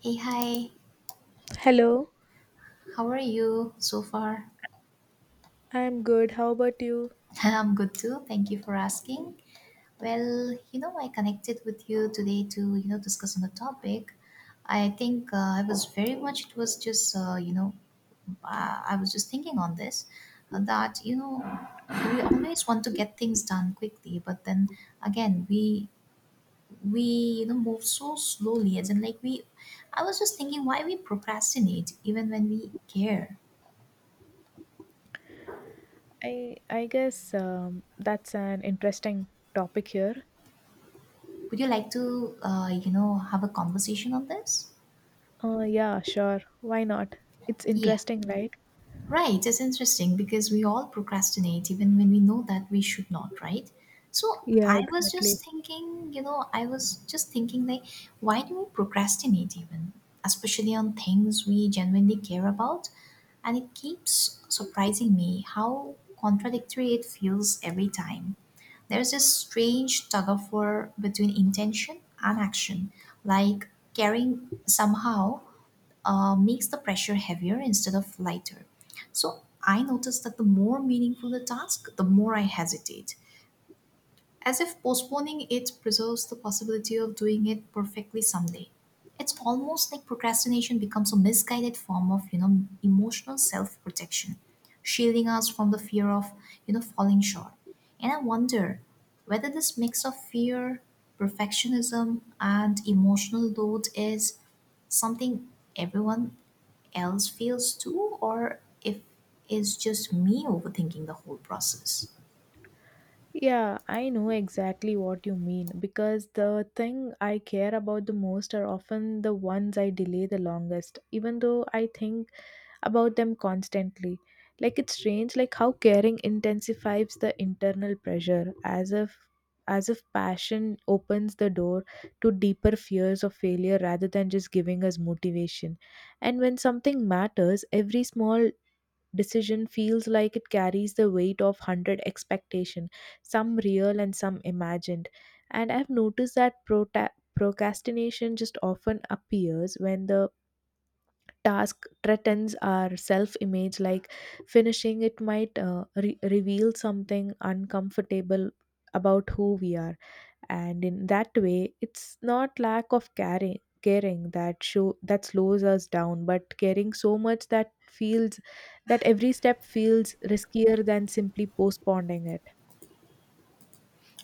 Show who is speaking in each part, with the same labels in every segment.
Speaker 1: Hey, hi.
Speaker 2: Hello,
Speaker 1: How are you so far?
Speaker 2: I'm good. How about you?
Speaker 1: I'm good too. Thank you for asking. Well, I connected with you today to, discuss on the topic. I think I was very much, it was just, you know, I was just thinking on this uh, that, you know, we always want to get things done quickly, but then again, we, move so slowly, as in like I was just thinking why we procrastinate even when we care.
Speaker 2: I guess that's an interesting topic here.
Speaker 1: Would you like to, have a conversation on this?
Speaker 2: Yeah, sure. Why not? It's
Speaker 1: Yeah.
Speaker 2: interesting, right?
Speaker 1: Right, it's interesting because we all procrastinate even when we know that we should not, right? So
Speaker 2: Yeah,
Speaker 1: I was
Speaker 2: exactly.
Speaker 1: just thinking, why do we procrastinate even, especially on things we genuinely care about? And it keeps surprising me how contradictory it feels every time. There's a strange tug of war between intention and action, like caring somehow makes the pressure heavier instead of lighter. So I noticed that the more meaningful the task, the more I hesitate, as if postponing it preserves the possibility of doing it perfectly someday. It's almost like procrastination becomes a misguided form of, emotional self-protection, shielding us from the fear of, falling short. And I wonder whether this mix of fear, perfectionism, and emotional load is something everyone else feels too, or if it's just me overthinking the whole process.
Speaker 2: Yeah, I know exactly what you mean because the thing I care about the most are often the ones I delay the longest, even though I think about them constantly. Like it's strange like how caring intensifies the internal pressure as if passion opens the door to deeper fears of failure rather than just giving us motivation. And when something matters, every small decision feels like it carries the weight of 100 expectation, some real and some imagined. And I've noticed that procrastination just often appears when the task threatens our self image, like finishing it might reveal something uncomfortable about who we are. And in that way, it's not lack of caring that show that slows us down but caring so much that feels that every step feels riskier than simply postponing it.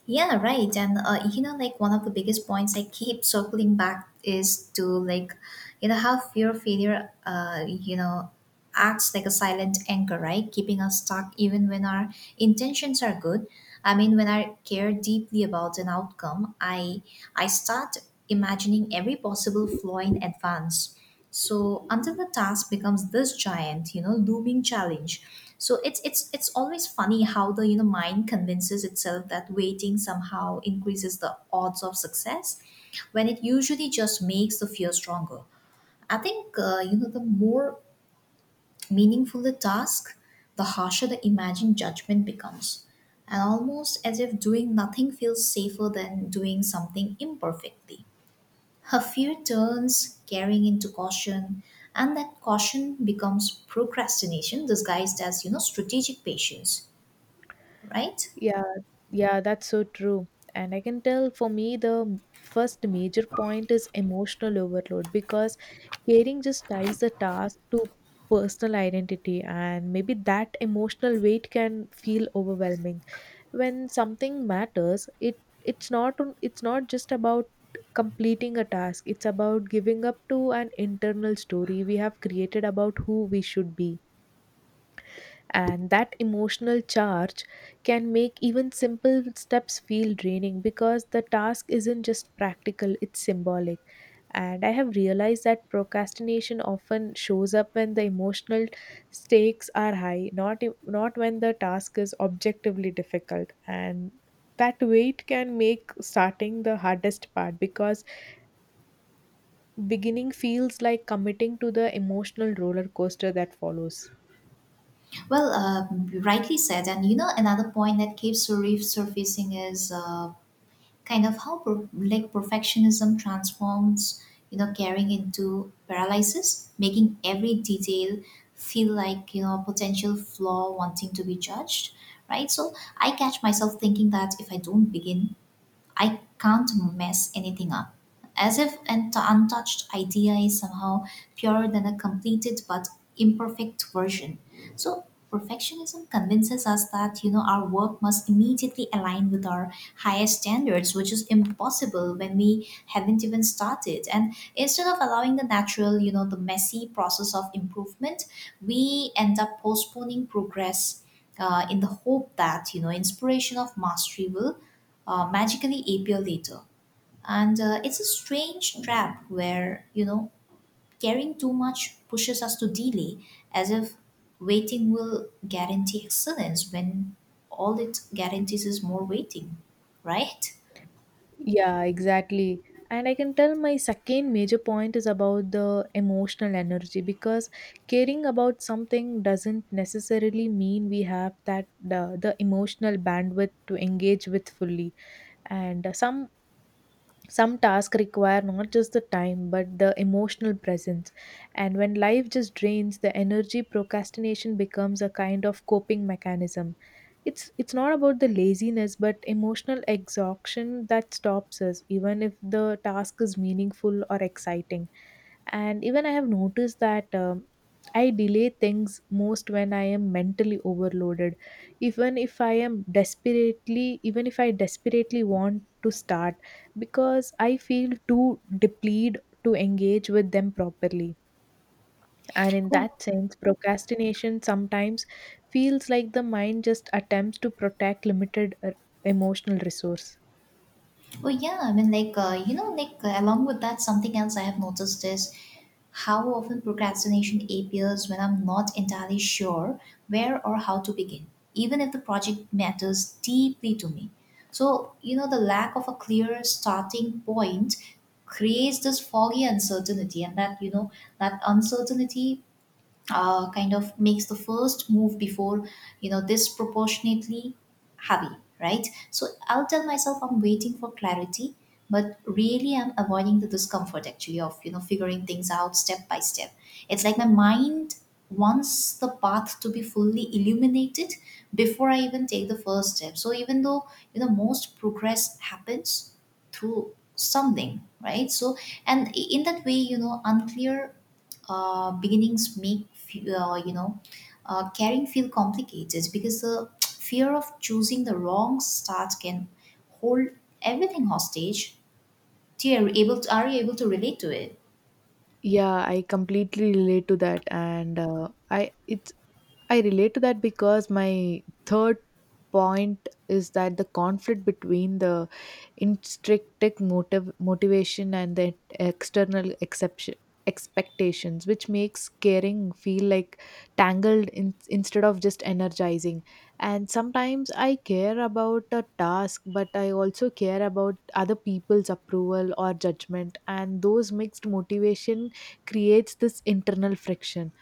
Speaker 1: Yeah, right. And you know, like one of the biggest points I keep circling back is to like, how fear of failure, acts like a silent anchor, right? Keeping us stuck even when our intentions are good. I mean, when I care deeply about an outcome, I start imagining every possible flaw in advance, so until the task becomes this giant, looming challenge. So it's always funny how the, mind convinces itself that waiting somehow increases the odds of success, when it usually just makes the fear stronger. I think, the more meaningful the task, the harsher the imagined judgment becomes, and almost as if doing nothing feels safer than doing something imperfectly. Her fear turns caring into caution, and that caution becomes procrastination disguised as, strategic patience, right?
Speaker 2: Yeah, yeah, that's so true. And I can tell for me, the first major point is emotional overload because caring just ties the task to personal identity, and maybe that emotional weight can feel overwhelming. When something matters, it's not just about completing a task. It's about giving up to an internal story we have created about who we should be, and that emotional charge can make even simple steps feel draining because the task isn't just practical, it's symbolic. And I have realized that procrastination often shows up when the emotional stakes are high, not when the task is objectively difficult, and that weight can make starting the hardest part because beginning feels like committing to the emotional roller coaster that follows.
Speaker 1: Rightly said. And you know another point that keeps surfacing is, kind of how like perfectionism transforms, caring into paralysis, making every detail feel like, a potential flaw wanting to be judged, right? So I catch myself thinking that if I don't begin, I can't mess anything up. As if an untouched idea is somehow purer than a completed but imperfect version. So, perfectionism convinces us that, our work must immediately align with our highest standards, which is impossible when we haven't even started, and instead of allowing the natural, the messy process of improvement, we end up postponing progress, in the hope that, inspiration of mastery will, magically appear later. And it's a strange trap where, caring too much pushes us to delay, as if waiting will guarantee excellence when all it guarantees is more waiting, right?
Speaker 2: Yeah, exactly. And I can tell my second major point is about the emotional energy because caring about something doesn't necessarily mean we have that the emotional bandwidth to engage with fully. And some tasks require not just the time but the emotional presence, and when life just drains the energy, procrastination becomes a kind of coping mechanism. It's not about the laziness but emotional exhaustion that stops us even if the task is meaningful or exciting. And even I have noticed that I delay things most when I am mentally overloaded, even if I desperately want to start because I feel too depleted to engage with them properly. And in
Speaker 1: Oh.
Speaker 2: that sense, procrastination sometimes feels like the mind just attempts to protect limited emotional resource.
Speaker 1: Oh yeah, I mean, along with that, something else I have noticed is how often procrastination appears when I'm not entirely sure where or how to begin, even if the project matters deeply to me. So, the lack of a clear starting point creates this foggy uncertainty, and that uncertainty, kind of makes the first move before, disproportionately heavy, right? So I'll tell myself I'm waiting for clarity, but really I'm avoiding the discomfort actually of, figuring things out step by step. It's like my mind wants the path to be fully illuminated before I even take the first step, so even though, most progress happens through something, right? So, and in that way, unclear beginnings make caring feel complicated because the fear of choosing the wrong start can hold everything hostage. Do you able to, are you able to relate to it?
Speaker 2: Yeah, I completely relate to that, and I relate to that because my third point is that the conflict between the intrinsic motive motivation and the external exception expectations, which makes caring feel like tangled in, instead of just energizing. And sometimes I care about a task but I also care about other people's approval or judgment, and those mixed motivation creates this internal friction.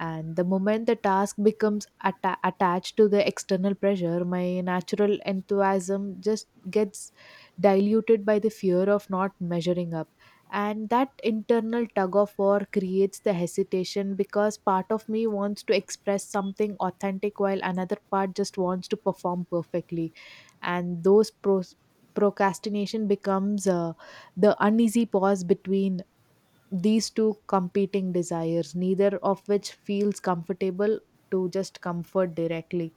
Speaker 2: And the moment the task becomes attached to the external pressure, my natural enthusiasm just gets diluted by the fear of not measuring up. And that internal tug of war creates the hesitation because part of me wants to express something authentic while another part just wants to perform perfectly, and those procrastination becomes the uneasy pause between these two competing desires, neither of which feels comfortable to just comfort directly.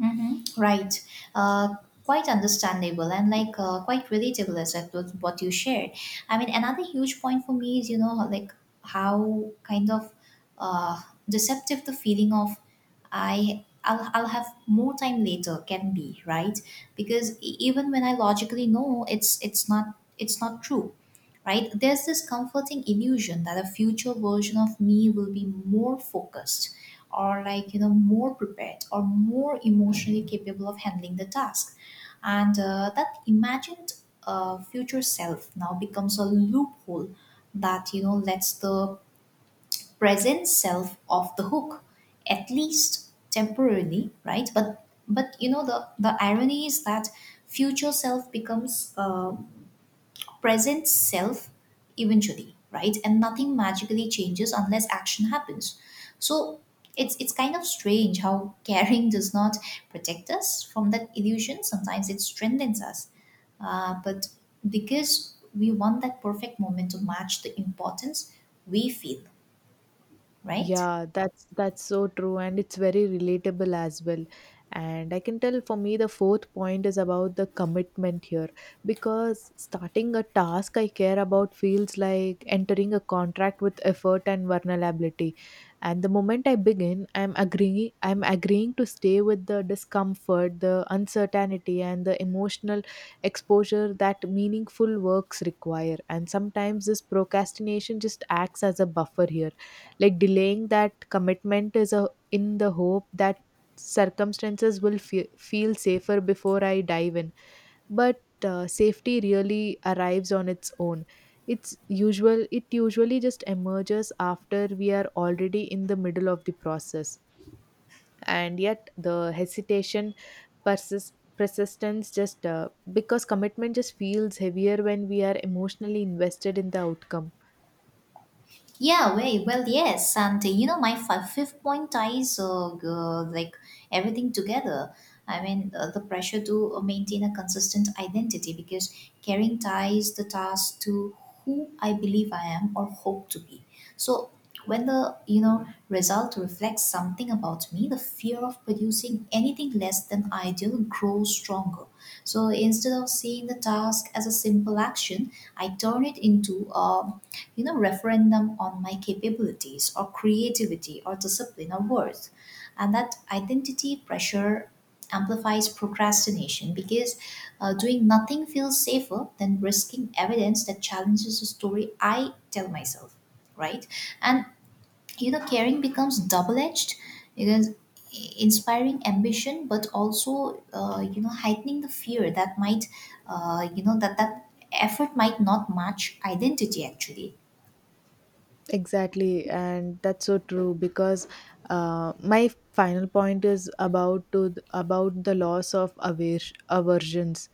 Speaker 1: Mm-hmm. Right. Uh, Quite understandable and like, quite relatable as that was what you shared. I mean, another huge point for me is, like how kind of, uh, deceptive the feeling of I'll have more time later can be, right? Because even when I logically know it's not true, right? There's this comforting illusion that a future version of me will be more focused, or like, more prepared or more emotionally capable of handling the task. And that imagined, future self now becomes a loophole that, lets the present self off the hook, at least temporarily, right? But you know the irony is that future self becomes, present self eventually, right, and nothing magically changes unless action happens. So it's kind of strange how caring does not protect us from that illusion; sometimes it strengthens us, but because we want that perfect moment to match the importance we feel, right?
Speaker 2: Yeah, that's so true and it's very relatable as well. And I can tell for me the fourth point is about the commitment here because starting a task I care about feels like entering a contract with effort and vulnerability. And the moment I begin, I'm agreeing to stay with the discomfort, the uncertainty and the emotional exposure that meaningful works require. And sometimes this procrastination just acts as a buffer here, like delaying that commitment is a, in the hope that circumstances will feel safer before I dive in. But safety really arrives on its own. It's usual it usually just emerges after we are already in the middle of the process, and yet the hesitation persists persistence just because commitment just feels heavier when we are emotionally invested in the outcome.
Speaker 1: Yeah, way Well, yes, and, my fifth point ties, like everything together. I mean, the pressure to, maintain a consistent identity, because caring ties the task to who I believe I am or hope to be. So when the, result reflects something about me, the fear of producing anything less than ideal grows stronger. So instead of seeing the task as a simple action, I turn it into a, referendum on my capabilities or creativity or discipline or worth. And that identity pressure amplifies procrastination because, doing nothing feels safer than risking evidence that challenges the story I tell myself, right? And, caring becomes double edged because inspiring ambition but also, heightening the fear that might, that effort might not match identity actually.
Speaker 2: Exactly, and that's so true because my final point is about the loss of aversions.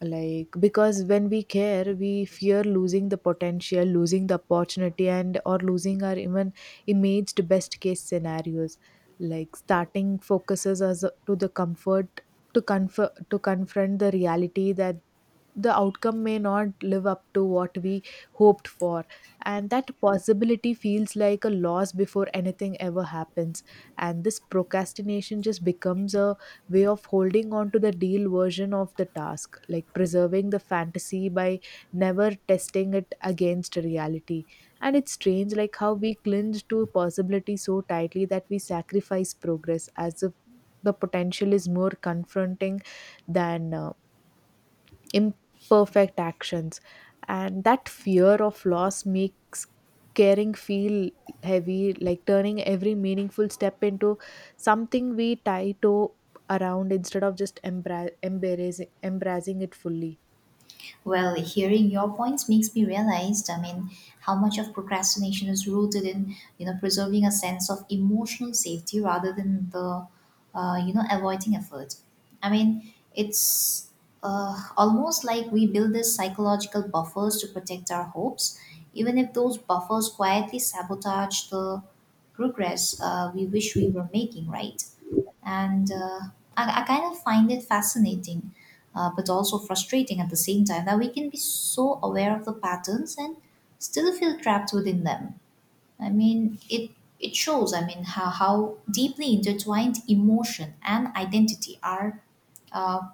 Speaker 2: Like because when we care we fear losing the potential, losing the opportunity, and or losing our even imaged best case scenarios. Like starting focuses us to the comfort to comfort to confront the reality that the outcome may not live up to what we hoped for, and that possibility feels like a loss before anything ever happens. And this procrastination just becomes a way of holding on to the deal version of the task, like preserving the fantasy by never testing it against reality. And it's strange, like how we cling to possibility so tightly that we sacrifice progress as if the potential is more confronting than imperfect actions, and that fear of loss makes caring feel heavy, like turning every meaningful step into something we tie to around instead of just embracing it fully.
Speaker 1: Well, hearing your points makes me realize, I mean, how much of procrastination is rooted in, preserving a sense of emotional safety rather than the, avoiding effort. I mean, it's, almost like we build these psychological buffers to protect our hopes, even if those buffers quietly sabotage the progress, we wish we were making, right? And I kind of find it fascinating, but also frustrating at the same time, that we can be so aware of the patterns and still feel trapped within them. I mean, it shows. I mean, how deeply intertwined emotion and identity are. Uh,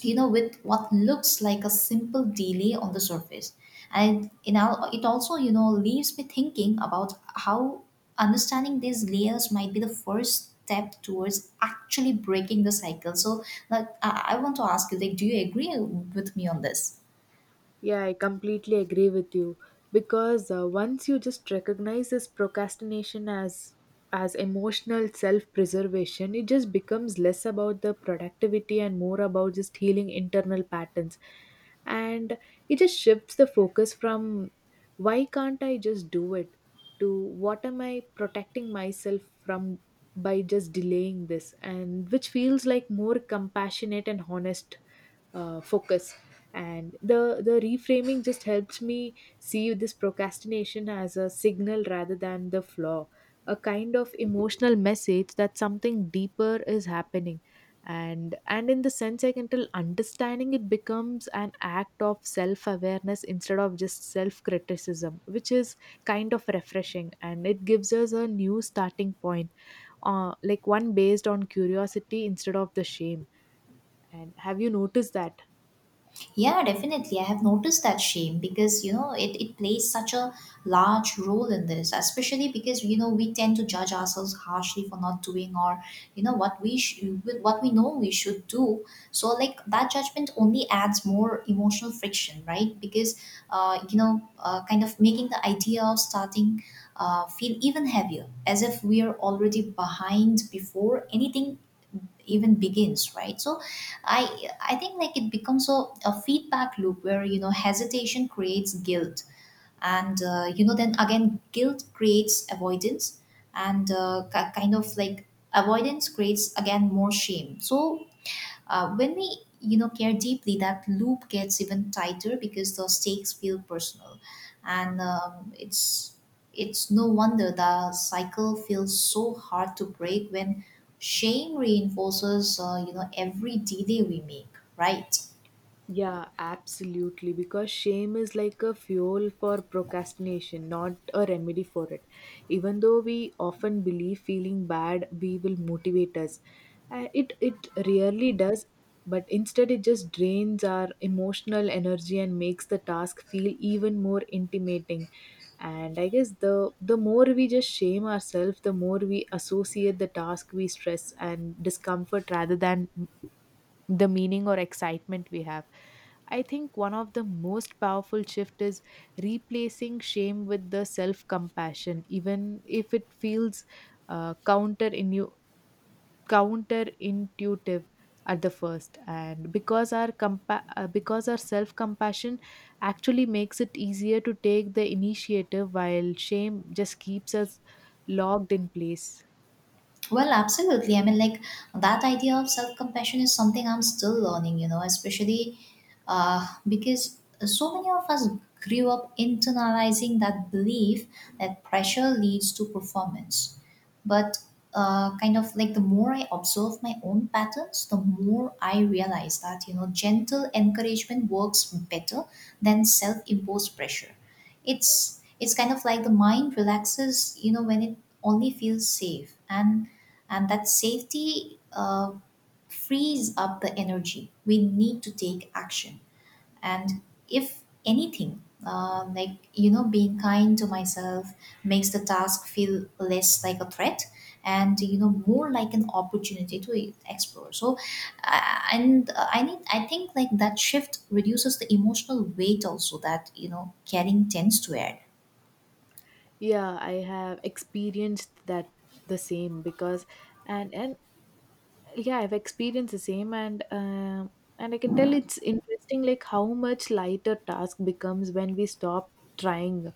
Speaker 1: you know, with what looks like a simple delay on the surface. And it also, you know, leaves me thinking about how understanding these layers might be the first step towards actually breaking the cycle. So I want to ask you, like, do you agree with me on this?
Speaker 2: Yeah, I completely agree with you because once you just recognize this procrastination as emotional self-preservation, it just becomes less about the productivity and more about just healing internal patterns. And it just shifts the focus from why can't I just do it to what am I protecting myself from by just delaying this, and which feels like more compassionate and honest focus. And the reframing just helps me see this procrastination as a signal rather than the flaw, a kind of emotional message that something deeper is happening. And in the sense I can tell understanding it becomes an act of self awareness instead of just self criticism, which is kind of refreshing and it gives us a new starting point, like one based on curiosity instead of the shame. And have you noticed that?
Speaker 1: Yeah, definitely. I have noticed that shame because, it plays such a large role in this, especially because, we tend to judge ourselves harshly for not doing or, what we with what we know we should do. So like that judgment only adds more emotional friction, right? Because, kind of making the idea of starting, feel even heavier, as if we are already behind before anything even begins, right? So I think like it becomes a feedback loop where, hesitation creates guilt, and, then again guilt creates avoidance, and, kind of like avoidance creates again more shame. So, when we, care deeply, that loop gets even tighter because the stakes feel personal, and it's no wonder the cycle feels so hard to break when shame reinforces, every delay we make, right?
Speaker 2: Yeah, absolutely. Because shame is like a fuel for procrastination, not a remedy for it. Even though we often believe feeling bad we will motivate us, it rarely does. But instead, it just drains our emotional energy and makes the task feel even more intimating. And I guess the more we just shame ourselves, the more we associate the task we stress and discomfort rather than the meaning or excitement we have. I think one of the most powerful shift is replacing shame with the self compassion, even if it feels uh, counter inu- counterintuitive at the first. And because our self compassion actually makes it easier to take the initiative, while shame just keeps us locked in place.
Speaker 1: Well, absolutely. I mean, like that idea of self compassion is something I'm still learning, you know, especially, because so many of us grew up internalizing that belief that pressure leads to performance. But, kind of like the more I observe my own patterns, the more I realize that, gentle encouragement works better than self imposed pressure. It's kind of like the mind relaxes, you know, when it only feels safe. And that safety frees up the energy we need to take action and if anything like you know being kind to myself makes the task feel less like a threat and you know more like an opportunity to explore. So and I need I think like that shift reduces the emotional weight also that you know carrying tends to add.
Speaker 2: Yeah, I have experienced that the same because and yeah, I've experienced the same and I can tell it's interesting, like how much lighter task becomes when we stop trying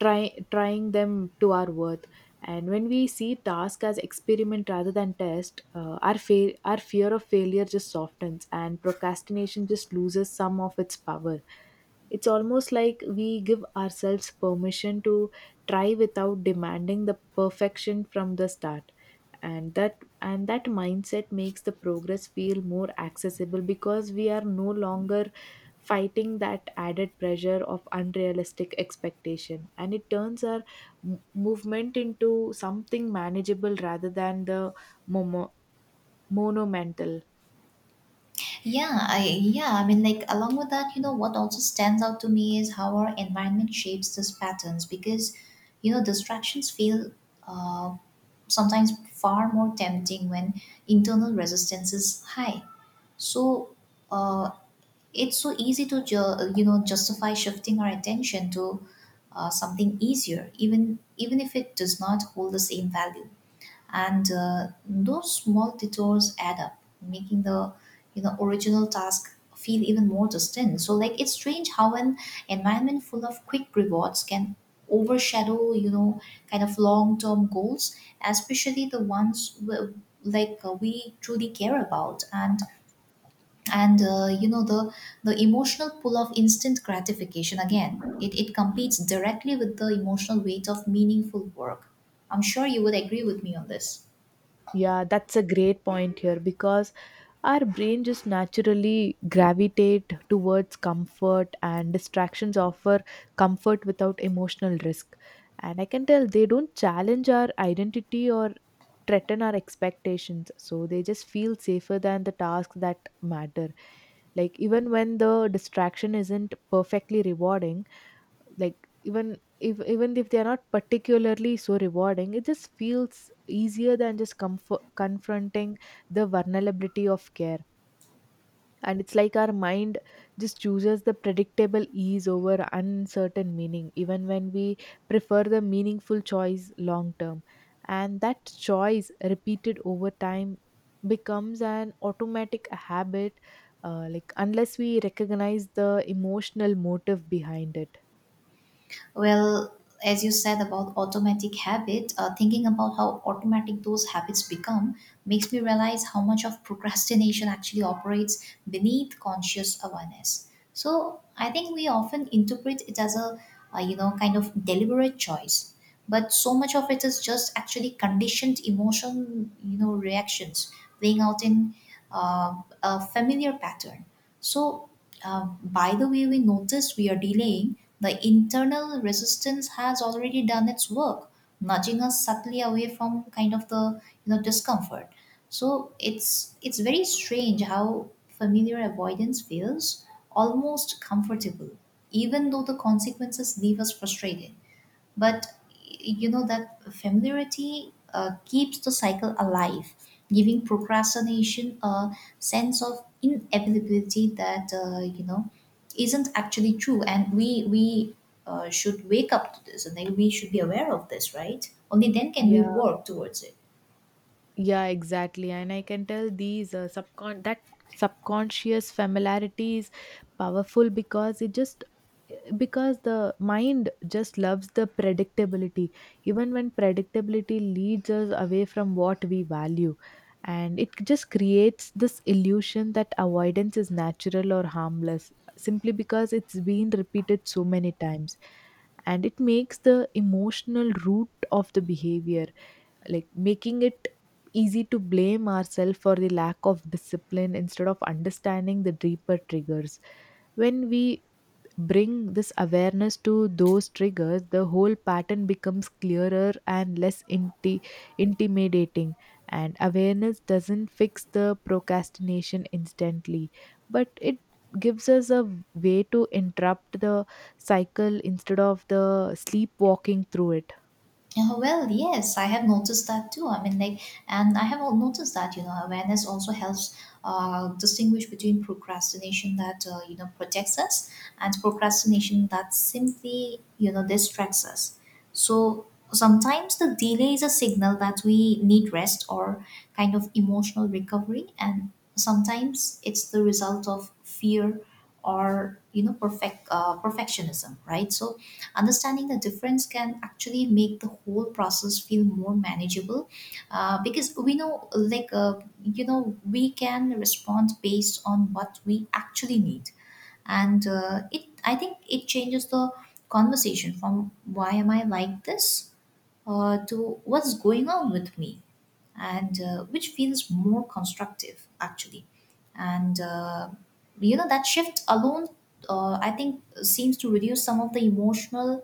Speaker 2: trying them to our worth. And when we see task as experiment rather than test, our fear of failure just softens and procrastination just loses some of its power. It's almost like we give ourselves permission to try without demanding the perfection from the start. And that mindset makes the progress feel more accessible because we are no longer fighting that added pressure of unrealistic expectation, and it turns our movement into something manageable rather than the momo- monumental.
Speaker 1: Yeah, I mean like along with that, you know, what also stands out to me is how our environment shapes these patterns because you know, distractions feel uh, sometimes far more tempting when internal resistance is high. So uh, it's so easy to you know justify shifting our attention to something easier, even if it does not hold the same value, and those small detours add up, making the you know original task feel even more distant. So like it's strange how an environment full of quick rewards can overshadow you know kind of long term goals, especially the ones like we truly care about. And you know the emotional pull of instant gratification, again, it competes directly with the emotional weight of meaningful work. I'm sure you would agree with me on this.
Speaker 2: Yeah, that's a great point here because our brain just naturally gravitate towards comfort, and distractions offer comfort without emotional risk. And I can tell they don't challenge our identity or threaten our expectations, so they just feel safer than the tasks that matter. Like, even when the distraction isn't perfectly rewarding, like even if they are not particularly so rewarding, it just feels easier than just comfort confronting the vulnerability of care. And it's like our mind just chooses the predictable ease over uncertain meaning even when we prefer the meaningful choice long term, and that choice repeated over time becomes an automatic habit, like unless we recognize the emotional motive behind it.
Speaker 1: Well, as you said about automatic habit, thinking about how automatic those habits become makes me realize how much of procrastination actually operates beneath conscious awareness. So I think we often interpret it as a you know, kind of deliberate choice, but so much of it is just actually conditioned emotion, you know, reactions playing out in uh, a familiar pattern. So by the way we notice we are delaying, the internal resistance has already done its work, nudging us subtly away from kind of the you know discomfort. So it's very strange how familiar avoidance feels almost comfortable, even though the consequences leave us frustrated, but you know that familiarity keeps the cycle alive, giving procrastination a sense of inevitability that you know isn't actually true. And we should wake up to this, and then we should be aware of this, right? Only then can we
Speaker 2: Yeah,
Speaker 1: work towards it.
Speaker 2: Yeah, exactly. And I can tell these subconscious familiarity is powerful because the mind just loves the predictability even when predictability leads us away from what we value. And it just creates this illusion that avoidance is natural or harmless simply because it's been repeated so many times, and it makes the emotional root of the behavior, like making it easy to blame ourselves for the lack of discipline instead of understanding the deeper triggers. When we bring this awareness to those triggers, the whole pattern becomes clearer and less intimidating, and awareness doesn't fix the procrastination instantly, but it gives us a way to interrupt the cycle instead of the sleepwalking through it.
Speaker 1: Oh, well, yes, I have noticed that too. I mean, like, and I have noticed that, you know, awareness also helps distinguish between procrastination that, you know, protects us, and procrastination that simply, you know, distracts us. So sometimes the delay is a signal that we need rest or kind of emotional recovery. And sometimes it's the result of fear or, you know, perfectionism, right? So understanding the difference can actually make the whole process feel more manageable because we know like you know we can respond based on what we actually need. And it I think it changes the conversation from "Why am I like this?" To "What's going on with me?" and which feels more constructive actually. And You know, that shift alone, I think, seems to reduce some of the emotional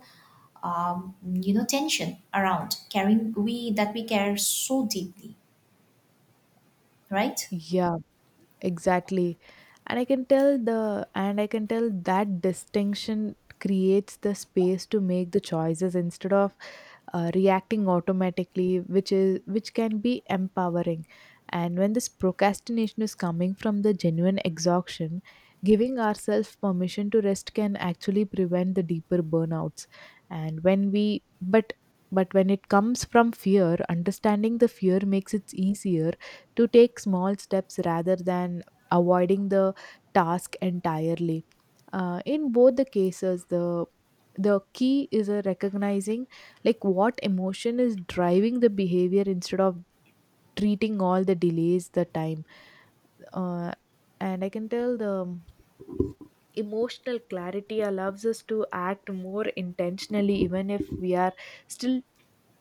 Speaker 1: um, you know tension around caring we that we care so deeply, right?
Speaker 2: Yeah, exactly. And I can tell the and I can tell that distinction creates the space to make the choices instead of reacting automatically, which can be empowering. And when this procrastination is coming from the genuine exhaustion, giving ourselves permission to rest can actually prevent the deeper burnouts. And when we but but when it comes from fear, understanding the fear makes it easier to take small steps rather than avoiding the task entirely. In both the cases, the key is a recognizing like what emotion is driving the behavior instead of treating all the delays the time. uh, and I can tell the emotional clarity allows us to act more intentionally, even if we are still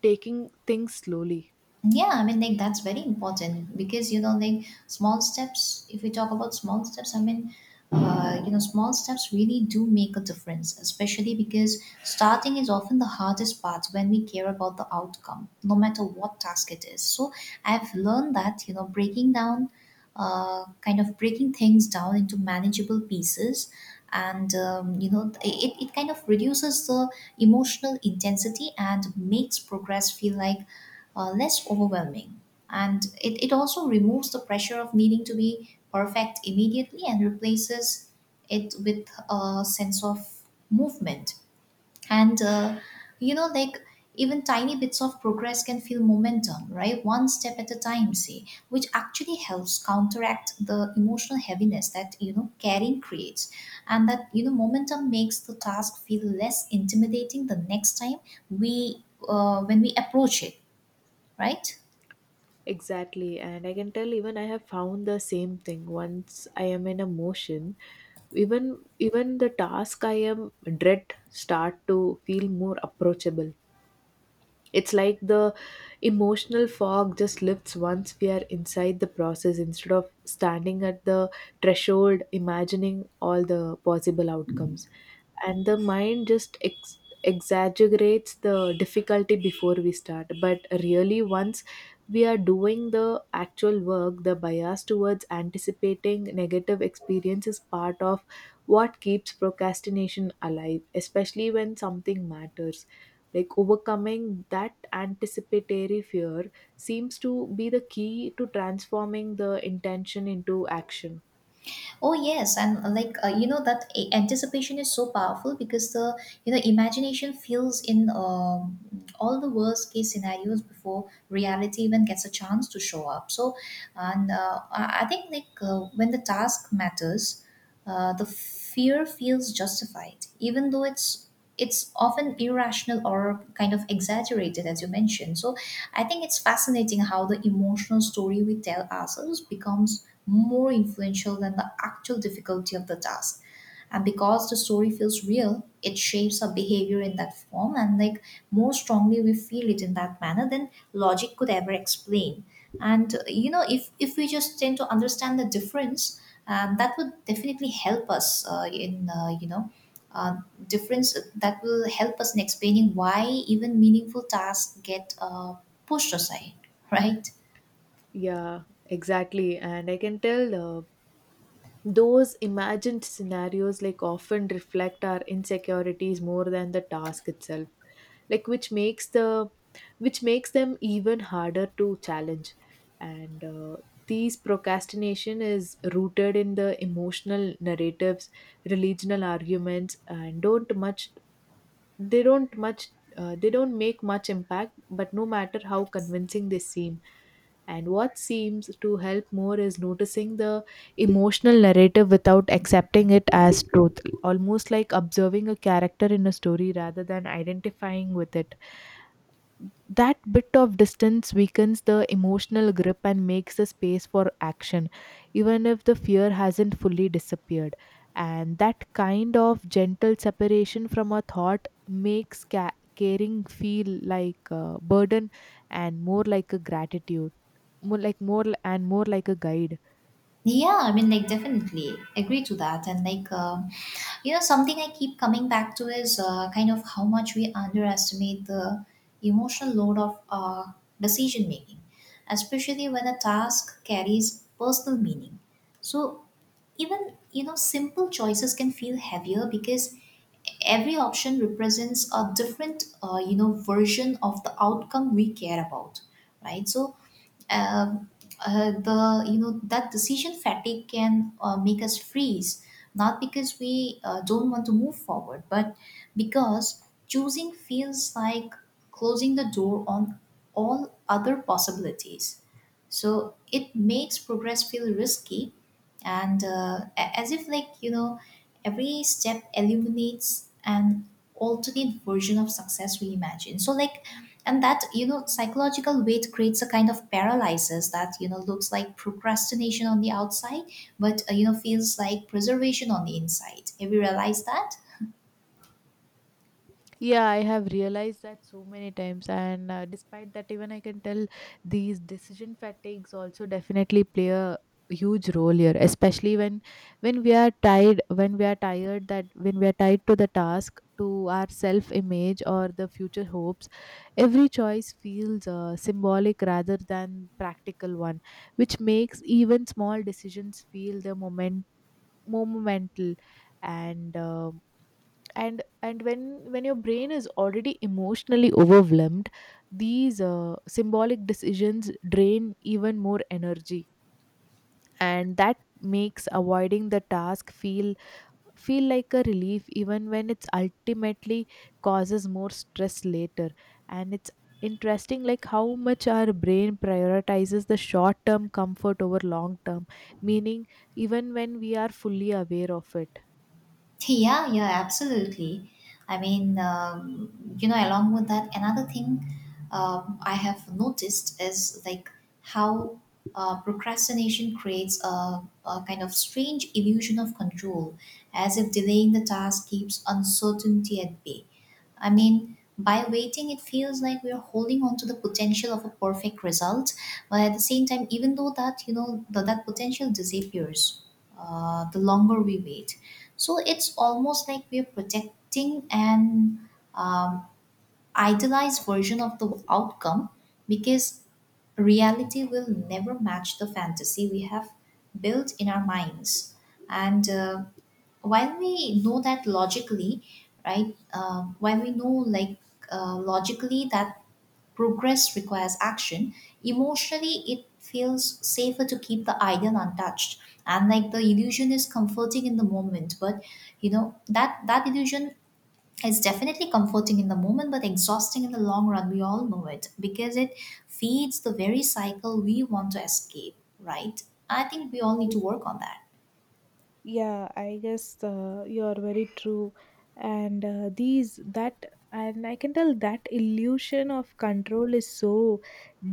Speaker 2: taking things slowly.
Speaker 1: Yeah, I mean like that's very important because you know like small steps, if we talk about small steps, I mean you know small steps really do make a difference, especially because starting is often the hardest part when we care about the outcome no matter what task it is. So I've learned that you know breaking down, kind of breaking things down into manageable pieces, and you know it kind of reduces the emotional intensity and makes progress feel like less overwhelming. And it also removes the pressure of needing to be perfect immediately, and replaces it with a sense of movement. And, you know, like even tiny bits of progress can feel momentum, right? One step at a time, say, which actually helps counteract the emotional heaviness that, you know, caring creates. And that, you know, momentum makes the task feel less intimidating the next time we, when we approach it, right?
Speaker 2: Exactly, and I can tell even I have found the same thing. Once I am in a motion, even even the task I am dread start to feel more approachable. It's like the emotional fog just lifts once we are inside the process instead of standing at the threshold imagining all the possible outcomes. And the mind just exaggerates the difficulty before we start, but really once we are doing the actual work, the bias towards anticipating negative experience is part of what keeps procrastination alive, especially when something matters. Like overcoming that anticipatory fear seems to be the key to transforming the intention into action.
Speaker 1: Oh yes, and like you know that anticipation is so powerful because the you know imagination fills in all the worst case scenarios before reality even gets a chance to show up. So, and I think like when the task matters, the fear feels justified, even though it's often irrational or kind of exaggerated as you mentioned. So I think it's fascinating how the emotional story we tell ourselves becomes more influential than the actual difficulty of the task. And because the story feels real, it shapes our behavior in that form, and like more strongly we feel it in that manner than logic could ever explain. And you know, if we just tend to understand the difference, that would definitely help us in you know. Uh, Difference that will help us in explaining why even meaningful tasks get pushed aside, right?
Speaker 2: Yeah, exactly, and I can tell those imagined scenarios like often reflect our insecurities more than the task itself, like which makes them even harder to challenge. And these procrastination is rooted in the emotional narratives, religional arguments, and don't much they don't much they don't make much impact, but no matter how convincing they seem. And what seems to help more is noticing the emotional narrative without accepting it as truth, almost like observing a character in a story rather than identifying with it. That bit of distance weakens the emotional grip and makes the space for action, even if the fear hasn't fully disappeared. And that kind of gentle separation from a thought makes caring feel like a burden and more like a gratitude, more like a guide.
Speaker 1: Yeah, I mean, like, definitely agree to that. And, like, you know, something I keep coming back to is kind of how much we underestimate the emotional load of decision making, especially when a task carries personal meaning. So, even, you know, simple choices can feel heavier because every option represents a different, you know, version of the outcome we care about, right? So, um, the you know that decision fatigue can make us freeze, not because we don't want to move forward, but because choosing feels like closing the door on all other possibilities. So it makes progress feel risky, and as if like you know every step illuminates an alternate version of success we imagine. So like, and that you know psychological weight creates a kind of paralysis that you know looks like procrastination on the outside, but you know feels like preservation on the inside. Have you realized that?
Speaker 2: Yeah, I have realized that so many times, and despite that, even I can tell these decision fatigues also definitely play a huge role here, especially when when we are tired, that when we are tied to the task, to our self-image or the future hopes, every choice feels symbolic rather than practical one, which makes even small decisions feel the moment more momental. And. Um, and and when your brain is already emotionally overwhelmed, these symbolic decisions drain even more energy, and that makes avoiding the task feel like a relief, even when it's ultimately causes more stress later. And it's interesting like how much our brain prioritizes the short term comfort over long term meaning, even when we are fully aware of it.
Speaker 1: Yeah, yeah, absolutely. I mean, you know, along with that, another thing I have noticed is like how procrastination creates a kind of strange illusion of control, as if delaying the task keeps uncertainty at bay. I mean, by waiting, it feels like we're holding on to the potential of a perfect result, but at the same time, even though that, you know, that potential disappears the longer we wait. So it's almost like we're projecting an um, idealized version of the outcome because reality will never match the fantasy we have built in our minds. And while we know that logically, right, while we know like logically that progress requires action. Emotionally, it feels safer to keep the ideal untouched. And like the illusion is comforting in the moment, but you know that illusion is definitely comforting in the moment, but exhausting in the long run. We all know it because it feeds the very cycle we want to escape, right? I think we all need to work on that.
Speaker 2: Yeah, I guess you are very true. And uh, these that and I can tell that illusion of control is so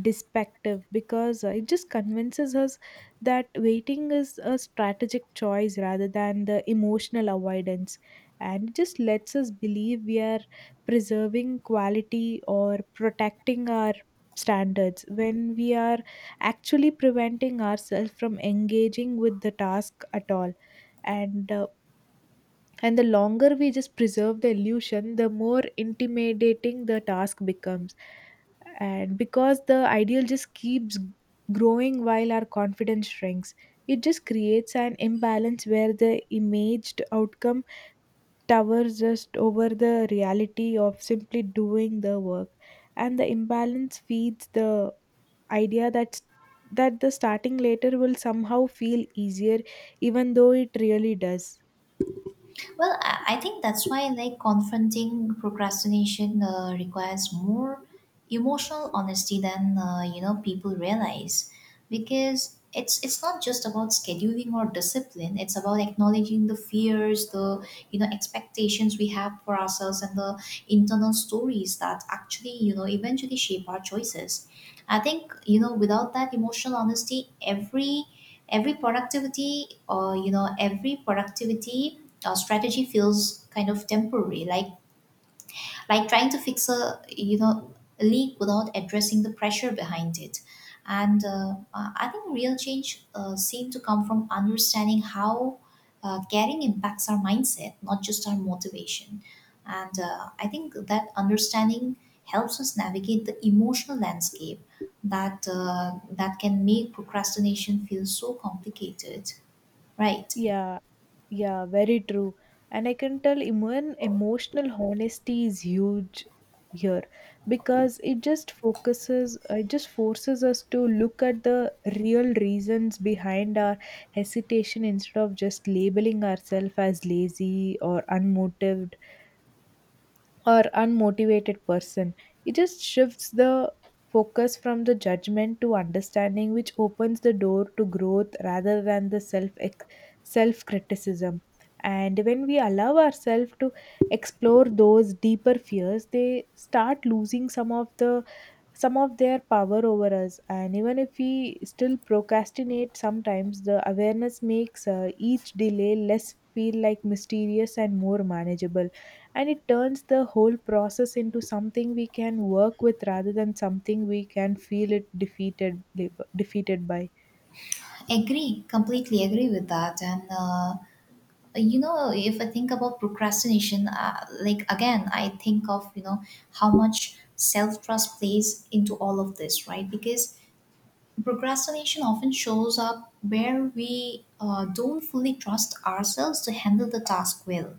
Speaker 2: deceptive because it just convinces us that waiting is a strategic choice rather than the emotional avoidance, and it just lets us believe we are preserving quality or protecting our standards when we are actually preventing ourselves from engaging with the task at all. And uh, and the longer we just preserve the illusion, the more intimidating the task becomes, and because the ideal just keeps growing while our confidence shrinks, it just creates an imbalance where the imaged outcome towers just over the reality of simply doing the work. And the imbalance feeds the idea that the starting later will somehow feel easier, even though it really does.
Speaker 1: Well, I think that's why like confronting procrastination requires more emotional honesty than you know people realize, because it's not just about scheduling or discipline. It's about acknowledging the fears, the you know expectations we have for ourselves, and the internal stories that actually you know eventually shape our choices. I think you know without that emotional honesty, every productivity or you know every productivity our strategy feels kind of temporary, like trying to fix a you know a leak without addressing the pressure behind it. And I think real change seems to come from understanding how caring impacts our mindset, not just our motivation. And I think that understanding helps us navigate the emotional landscape that that can make procrastination feel so complicated, right?
Speaker 2: Yeah, yeah, very true. And I can tell even emotional honesty is huge here because it just forces us to look at the real reasons behind our hesitation instead of just labeling ourselves as lazy or unmotivated, or unmotivated person. It just shifts the focus from the judgment to understanding, which opens the door to growth rather than the self criticism. And when we allow ourselves to explore those deeper fears, they start losing some of their power over us. And even if we still procrastinate sometimes, the awareness makes each delay less feel like mysterious and more manageable, and it turns the whole process into something we can work with rather than something we can feel it defeated by.
Speaker 1: Agree, completely agree with that. And you know, if I think about procrastination, like again I think of you know how much self trust plays into all of this, right? Because procrastination often shows up where we don't fully trust ourselves to handle the task well,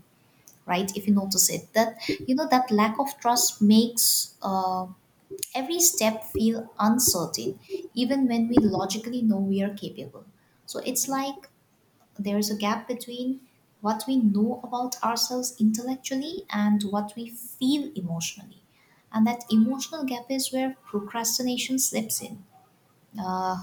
Speaker 1: right? If you notice it, that you know that lack of trust makes every step feel uncertain, even when we logically know we are capable. So it's like there is a gap between what we know about ourselves intellectually and what we feel emotionally. And that emotional gap is where procrastination slips in, uh,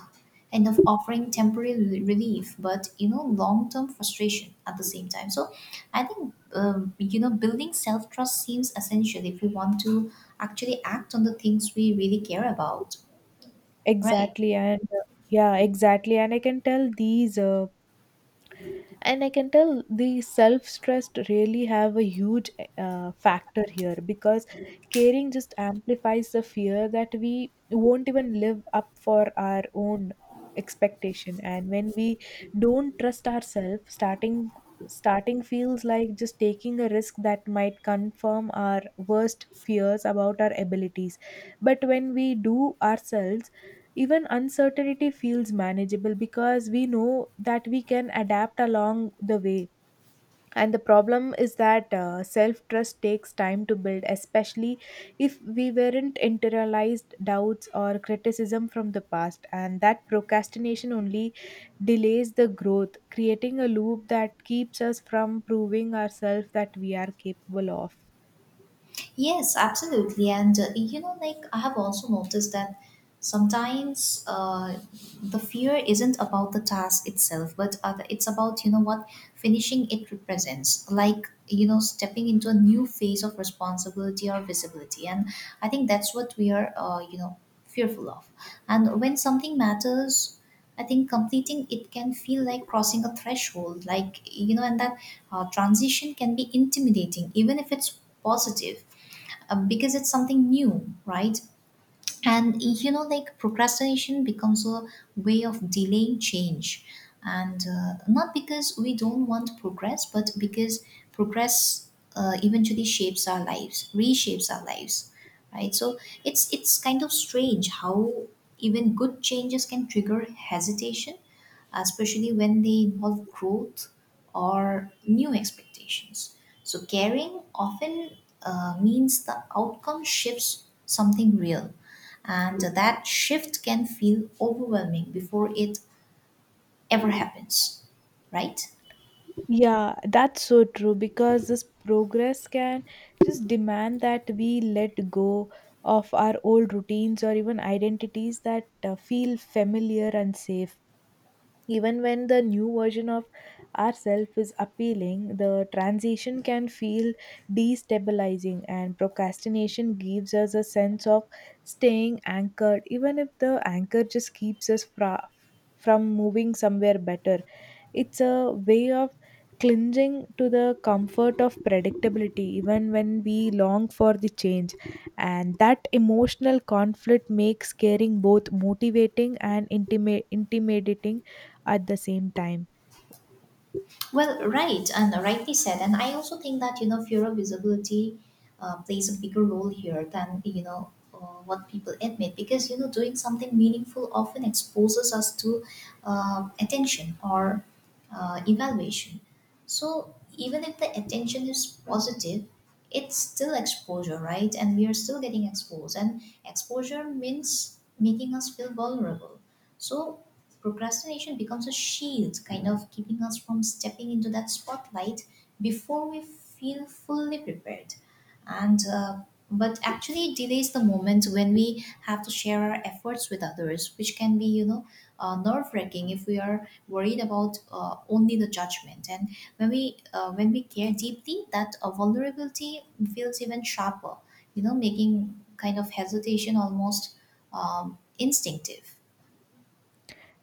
Speaker 1: kind of offering temporary relief, but you know, long term frustration at the same time. So I think, you know, building self trust seems essential if we want to actually act on the things we really care about, right?
Speaker 2: exactly and uh, yeah exactly and I can tell these and I can tell the self stressed really have a huge factor here because caring just amplifies the fear that we won't even live up for our own expectation. And when we don't trust ourselves, starting feels like just taking a risk that might confirm our worst fears about our abilities. But when we do ourselves, even uncertainty feels manageable because we know that we can adapt along the way. And the problem is that self trust takes time to build, especially if we weren't internalized doubts or criticism from the past. And that procrastination only delays the growth, creating a loop that keeps us from proving ourselves that we are capable of.
Speaker 1: Yes, absolutely. And you know, like I have also noticed that sometimes the fear isn't about the task itself, but other, it's about, you know, what finishing it represents, like, you know, stepping into a new phase of responsibility or visibility. And I think that's what we are, you know, fearful of. And when something matters, I think completing it can feel like crossing a threshold, like, you know, and that transition can be intimidating, even if it's positive, because it's something new, right? And you know, like procrastination becomes a way of delaying change. And not because we don't want progress, but because progress eventually shapes our lives, reshapes our lives, right? So it's kind of strange how even good changes can trigger hesitation, especially when they involve growth or new expectations. So, caring often means the outcome shifts something real, and that shift can feel overwhelming before it ever happens, right?
Speaker 2: Yeah, that's so true because this progress can just demand that we let go of our old routines or even identities that feel familiar and safe. Even when the new version of ourself is appealing, the transition can feel destabilizing, and procrastination gives us a sense of staying anchored, even if the anchor just keeps us from moving somewhere better. It's a way of clinging to the comfort of predictability, even when we long for the change. And that emotional conflict makes caring both motivating and intimidating at the same time.
Speaker 1: Well, right, and rightly said. And I also think that, you know, fear of visibility plays a bigger role here than, you know, what people admit because, you know, doing something meaningful often exposes us to attention or evaluation. So even if the attention is positive, it's still exposure, right? And we are still getting exposed. And exposure means making us feel vulnerable. So procrastination becomes a shield, kind of keeping us from stepping into that spotlight before we feel fully prepared. And But actually, it delays the moment when we have to share our efforts with others, which can be, you know, nerve-wracking if we are worried about only the judgment. And when we care deeply, that vulnerability feels even sharper. You know, making kind of hesitation almost instinctive.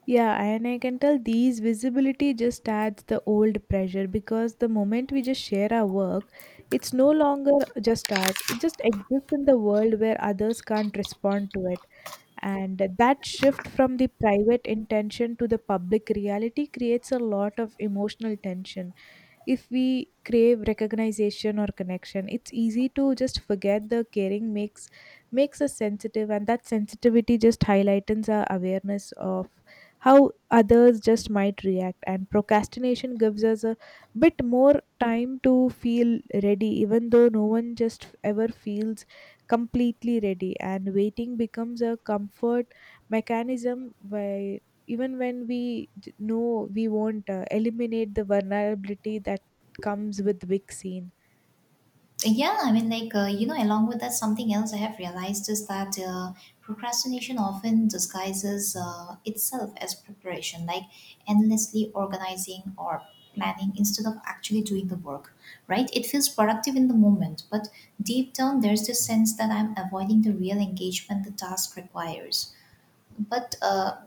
Speaker 2: Yeah, and I can tell these visibility just adds the old pressure because the moment we just share our work, it's no longer just us. It just exists in the world where others can't respond to it. And that shift from the private intention to the public reality creates a lot of emotional tension. If we crave recognition or connection, it's easy to just forget the caring makes us sensitive, and that sensitivity just highlightens our awareness of how others just might react. And procrastination gives us a bit more time to feel ready, even though no one just ever feels completely ready, and waiting becomes a comfort mechanism by even when we know we won't eliminate the vulnerability that comes with vaccine.
Speaker 1: Yeah, I mean, like, you know, along with that, something else I have realized is that procrastination often disguises itself as preparation, like endlessly organizing or planning instead of actually doing the work, right? It feels productive in the moment, but deep down, there's this sense that I'm avoiding the real engagement the task requires. But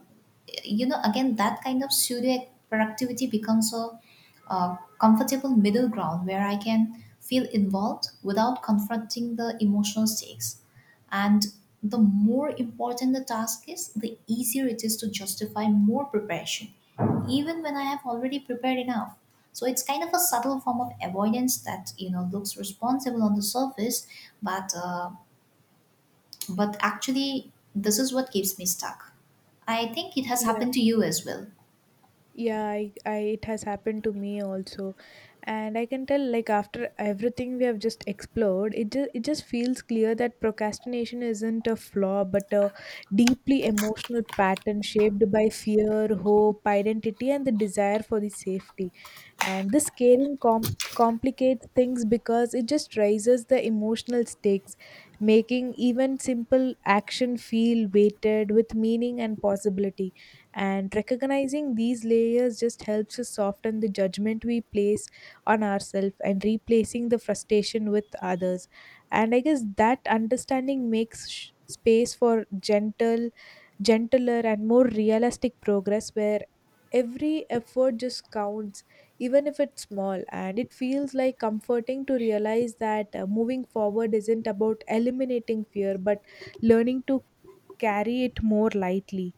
Speaker 1: you know, again, that kind of pseudo productivity becomes a, comfortable middle ground where I can feel involved without confronting the emotional stakes, and the more important the task is, the easier it is to justify more preparation, even when I have already prepared enough. So it's kind of a subtle form of avoidance that, you know, looks responsible on the surface, but uh, but actually, this is what keeps me stuck. I think it has
Speaker 2: Yeah,
Speaker 1: happened to you as well.
Speaker 2: yeah, I it has happened to me also, and I can tell like after everything we have just explored, it just feels clear that procrastination isn't a flaw but a deeply emotional pattern shaped by fear, hope, identity, and the desire for the safety. And this caring complicates things because it just raises the emotional stakes, making even simple action feel weighted with meaning and possibility. And recognizing these layers just helps us soften the judgment we place on ourselves and replacing the frustration with others. And I guess that understanding makes space for gentle gentler and more realistic progress where every effort just counts, even if it's small. And it feels like comforting to realize that moving forward isn't about eliminating fear but learning to carry it more lightly.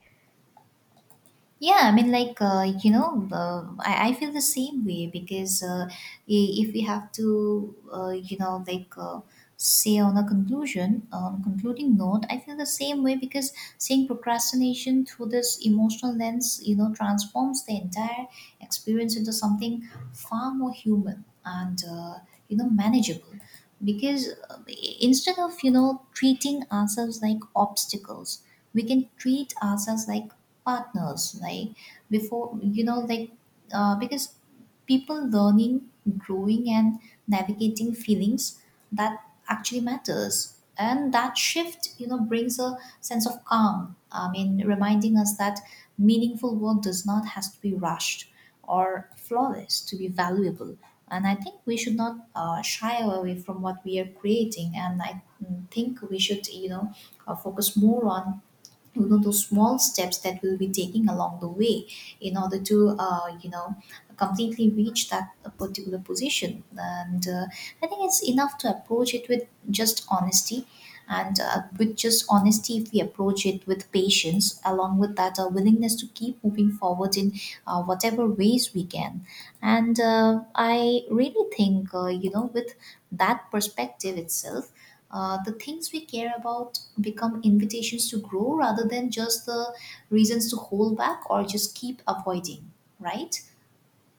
Speaker 1: Yeah, I mean, like, you know, I feel the same way because if we have to, you know, like, say on a conclusion, on a concluding note, I feel the same way because seeing procrastination through this emotional lens, you know, transforms the entire experience into something far more human and, you know, manageable. Instead of, you know, treating ourselves like obstacles, we can treat ourselves like partners, like before, you know, like, because people learning, growing, and navigating feelings that actually matters. And that shift, you know, brings a sense of calm. I mean, reminding us that meaningful work does not has to be rushed or flawless to be valuable. And I think we should not shy away from what we are creating, and I think we should, you know, focus more on, you know, those small steps that we'll be taking along the way in order to, you know, completely reach that particular position. And I think it's enough to approach it with just honesty, and with just honesty, if we approach it with patience along with that willingness to keep moving forward in whatever ways we can. And I really think, you know, with that perspective itself, the things we care about become invitations to grow rather than just the reasons to hold back or just keep avoiding, right?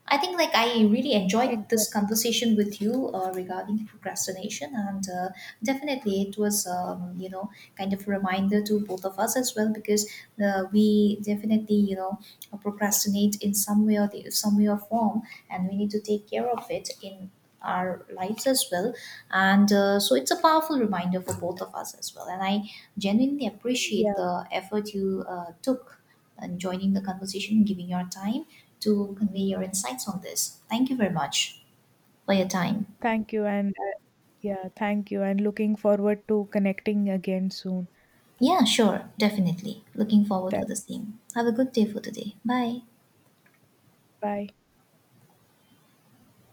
Speaker 1: I think, like, I really enjoyed this
Speaker 2: Exactly.
Speaker 1: conversation with you regarding procrastination, and definitely it was you know, kind of a reminder to both of us as well, because we definitely, you know, procrastinate in some way or the some way or form, and we need to take care of it in our lives as well. And So it's a powerful reminder for both of us as well, and I genuinely
Speaker 2: Yeah.
Speaker 1: appreciate the effort you took and joining the conversation and giving your time to convey your insights on this. Thank you very much for your time.
Speaker 2: Thank you, and yeah, thank you, and looking forward to connecting again soon.
Speaker 1: Yeah, sure, definitely. Looking forward
Speaker 2: Tha-
Speaker 1: for the same. Have a good day for today. Bye.
Speaker 2: Bye.